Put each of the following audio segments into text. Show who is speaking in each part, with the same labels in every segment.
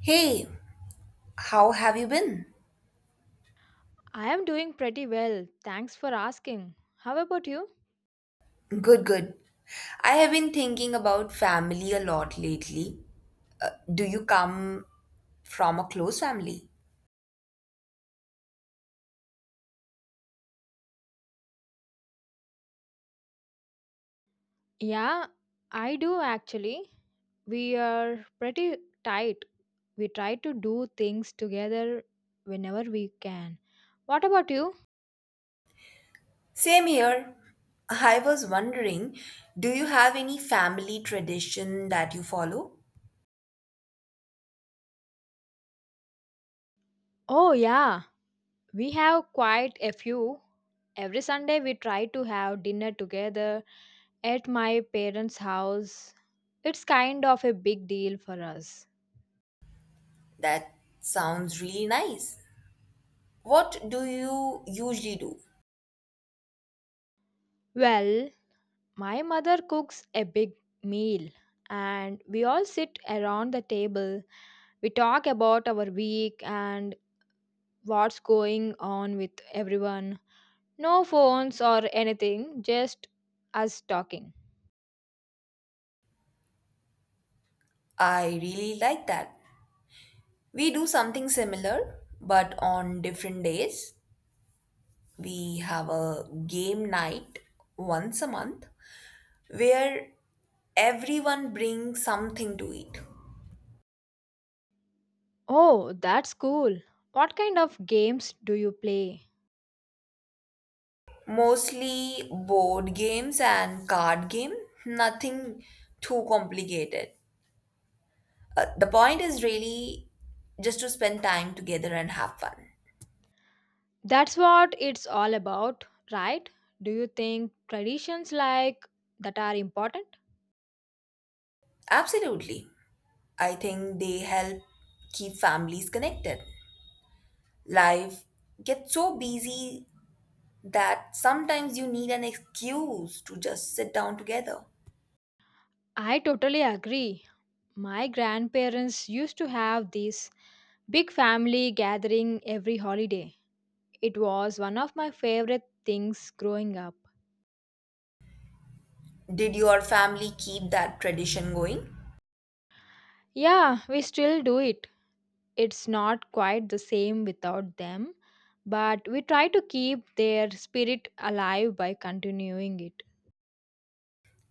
Speaker 1: Hey, how have you been?
Speaker 2: I am doing pretty well. Thanks for asking. How about you?
Speaker 1: Good, good. I have been thinking about family a lot lately. Do you come from a close family?
Speaker 2: Yeah, I do actually. We are pretty tight. We try to do things together whenever we can. What about you?
Speaker 1: Same here. I was wondering, do you have any family tradition that you follow?
Speaker 2: Oh, yeah. We have quite a few. Every Sunday, we try to have dinner together at my parents' house. It's kind of a big deal for us.
Speaker 1: That sounds really nice. What do you usually do?
Speaker 2: Well, my mother cooks a big meal and we all sit around the table. We talk about our week and what's going on with everyone. No phones or anything, just us talking.
Speaker 1: I really like that. We do something similar, but on different days. We have a game night once a month where everyone brings something to eat.
Speaker 2: Oh, that's cool. What kind of games do you play?
Speaker 1: Mostly board games and card game, nothing too complicated. The point is really just to spend time together and have fun.
Speaker 2: That's what it's all about, right? Do you think traditions like that are important?
Speaker 1: Absolutely. I think they help keep families connected. Life gets so busy that sometimes you need an excuse to just sit down together.
Speaker 2: I totally agree. My grandparents used to have these big family gathering every holiday. It was one of my favorite things growing up.
Speaker 1: Did your family keep that tradition going?
Speaker 2: Yeah, we still do it. It's not quite the same without them, but we try to keep their spirit alive by continuing it.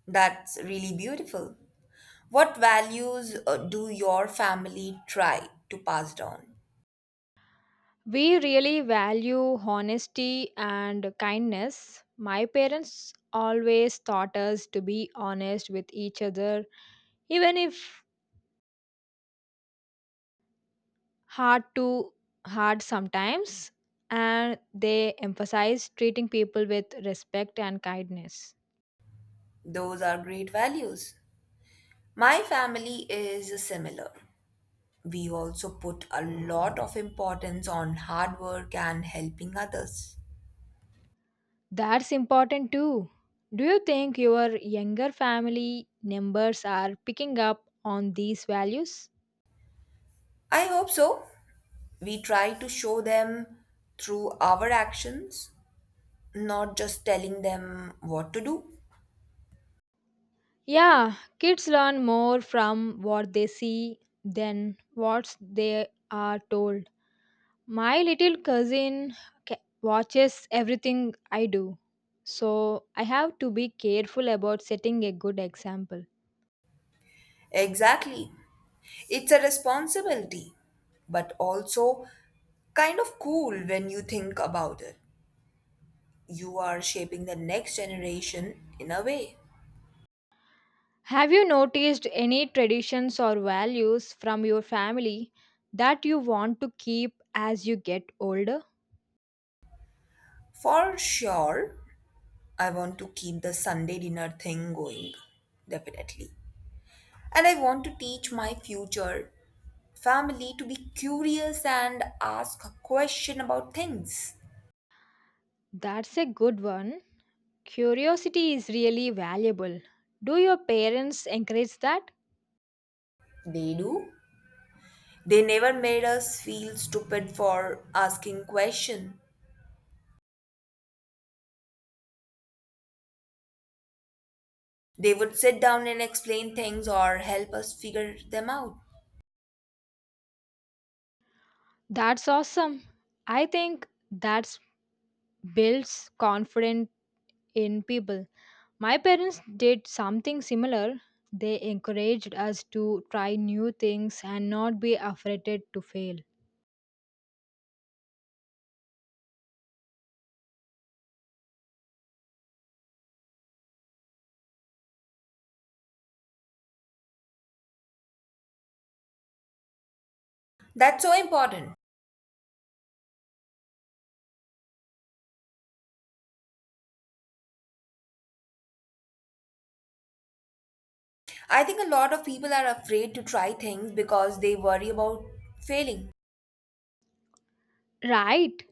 Speaker 1: That's really beautiful. What values do your family try to pass down?
Speaker 2: We really value honesty and kindness. My parents always taught us to be honest with each other, even if hard to hard sometimes, and they emphasize treating people with respect and kindness.
Speaker 1: Those are great values. My family is similar. We also put a lot of importance on hard work and helping others.
Speaker 2: That's important too. Do you think your younger family members are picking up on these values?
Speaker 1: I hope so. We try to show them through our actions, not just telling them what to do.
Speaker 2: Yeah, kids learn more from what they see than what they are told. My little cousin watches everything I do, so I have to be careful about setting a good example.
Speaker 1: Exactly. It's a responsibility, but also kind of cool when you think about it. You are shaping the next generation in a way.
Speaker 2: Have you noticed any traditions or values from your family that you want to keep as you get older?
Speaker 1: For sure, I want to keep the Sunday dinner thing going, definitely. And I want to teach my future family to be curious and ask a question about things.
Speaker 2: That's a good one. Curiosity is really valuable. Do your parents encourage that?
Speaker 1: They do. They never made us feel stupid for asking question. They would sit down and explain things or help us figure them out.
Speaker 2: That's awesome. I think that builds confidence in people. My parents did something similar. They encouraged us to try new things and not be afraid to fail.
Speaker 1: That's so important. I think a lot of people are afraid to try things because they worry about failing.
Speaker 2: Right,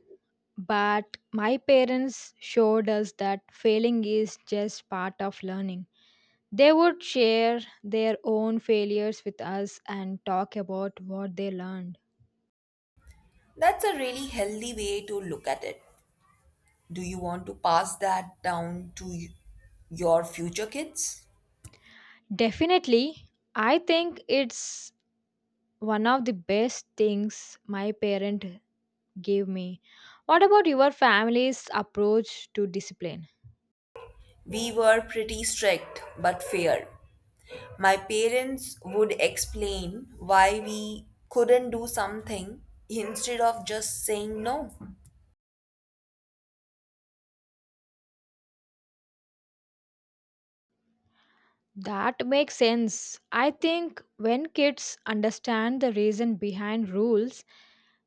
Speaker 2: but my parents showed us that failing is just part of learning. They would share their own failures with us and talk about what they learned.
Speaker 1: That's a really healthy way to look at it. Do you want to pass that down to your future kids?
Speaker 2: Definitely, I think it's one of the best things my parent give me. What about your family's approach to discipline?
Speaker 1: We were pretty strict but fair. My parents would explain why we couldn't do something instead of just saying no.
Speaker 2: That makes sense. I think when kids understand the reason behind rules,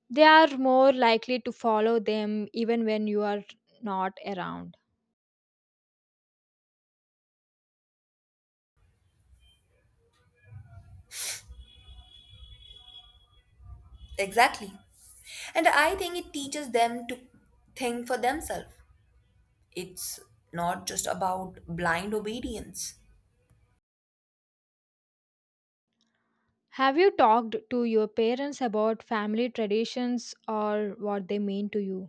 Speaker 2: they are more likely to follow them even when you are not around.
Speaker 1: Exactly. And I think it teaches them to think for themselves. It's not just about blind obedience.
Speaker 2: Have you talked to your parents about family traditions or what they mean to you?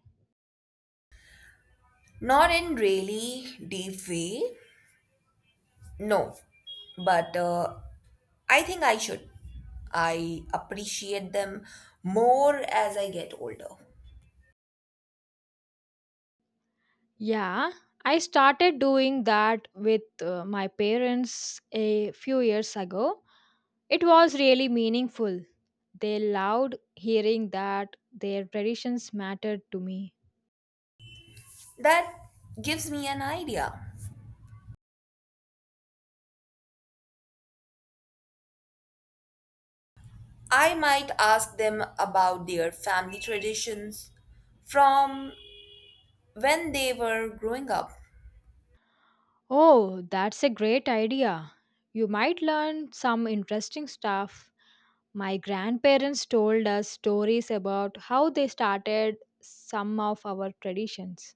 Speaker 1: Not in really deep way. No. But I think I should. I appreciate them more as I get older.
Speaker 2: Yeah, I started doing that with my parents a few years ago. It was really meaningful. They loved hearing that their traditions mattered to me.
Speaker 1: That gives me an idea. I might ask them about their family traditions from when they were growing up.
Speaker 2: Oh, that's a great idea. You might learn some interesting stuff. My grandparents told us stories about how they started some of our traditions.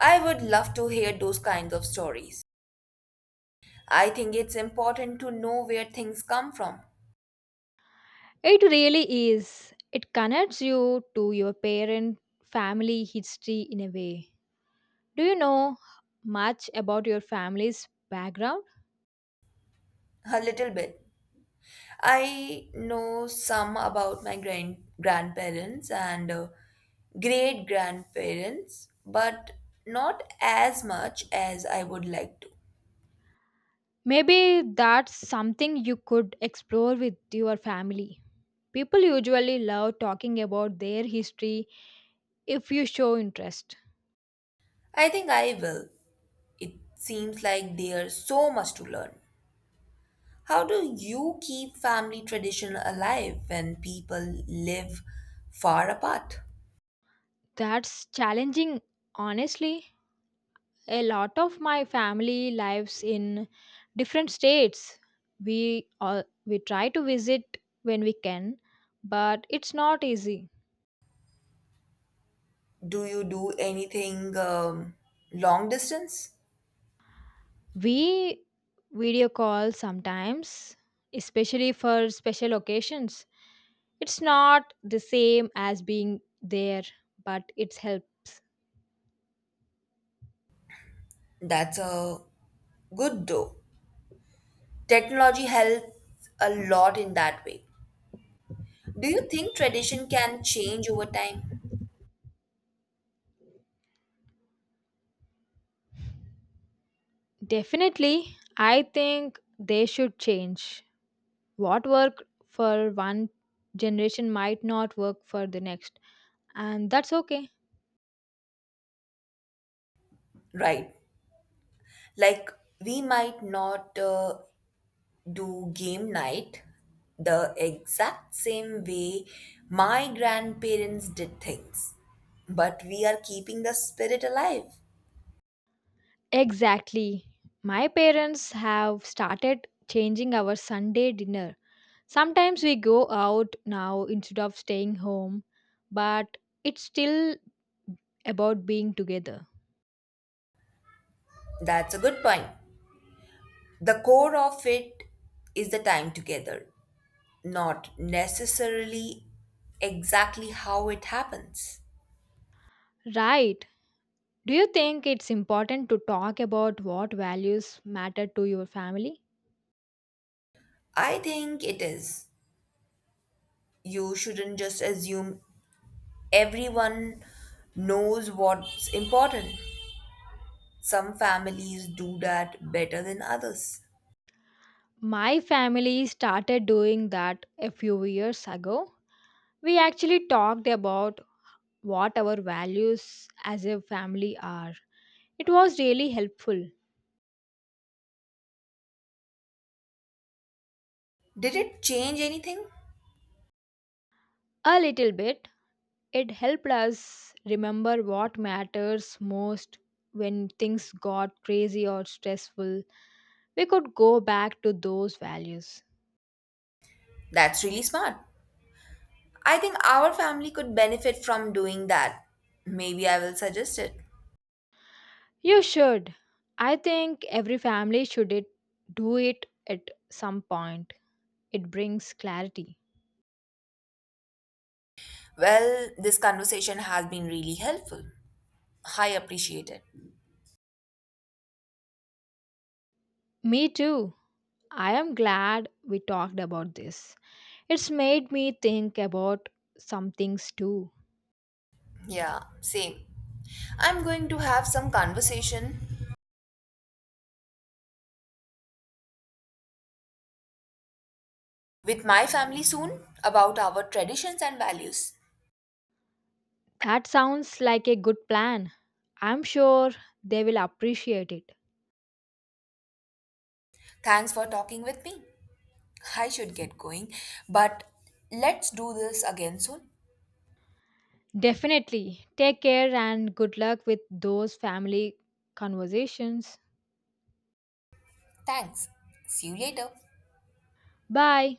Speaker 1: I would love to hear those kinds of stories. I think it's important to know where things come from,
Speaker 2: It really is. It connects you to your parent family history in a way. Do you know much about your family's background?
Speaker 1: a little bit. I know some about my grandparents and great grandparents, but not as much as I would like to.
Speaker 2: Maybe that's something you could explore with your family. People usually love talking about their history if you show interest.
Speaker 1: I think I will. It seems like there's so much to learn. How do you keep family tradition alive when people live far apart?
Speaker 2: That's challenging, honestly. A lot of my family lives in different states. We try to visit when we can, but it's not easy.
Speaker 1: Do you do anything long distance?
Speaker 2: We video call sometimes, especially for special occasions. It's not the same as being there, but it helps.
Speaker 1: That's a good though. Technology helps a lot in that way. Do you think tradition can change over time?
Speaker 2: Definitely, I think they should change. What worked for one generation might not work for the next, and that's okay.
Speaker 1: Right. Like we might not do game night the exact same way my grandparents did things, but we are keeping the spirit alive.
Speaker 2: Exactly. My parents have started changing our Sunday dinner. Sometimes we go out now instead of staying home, but it's still about being together.
Speaker 1: That's a good point. The core of it is the time together, not necessarily exactly how it happens.
Speaker 2: Right. Do you think it's important to talk about what values matter to your family?
Speaker 1: I think it is. You shouldn't just assume everyone knows what's important. Some families do that better than others.
Speaker 2: My family started doing that a few years ago. We actually talked about what our values as a family are. It was really helpful.
Speaker 1: Did it change anything?
Speaker 2: A little bit. It helped us remember what matters most when things got crazy or stressful. We could go back to those values.
Speaker 1: That's really smart. I think our family could benefit from doing that. Maybe I will suggest it.
Speaker 2: You should. I think every family should it, do it at some point. It brings clarity.
Speaker 1: Well, this conversation has been really helpful. I appreciate it.
Speaker 2: Me too. I am glad we talked about this. It's made me think about some things too.
Speaker 1: Yeah, same. I'm going to have some conversation with my family soon about our traditions and values.
Speaker 2: That sounds like a good plan. I'm sure they will appreciate it.
Speaker 1: Thanks for talking with me. I should get going, but let's do this again soon.
Speaker 2: Definitely. Take care and good luck with those family conversations.
Speaker 1: Thanks. See you later.
Speaker 2: Bye.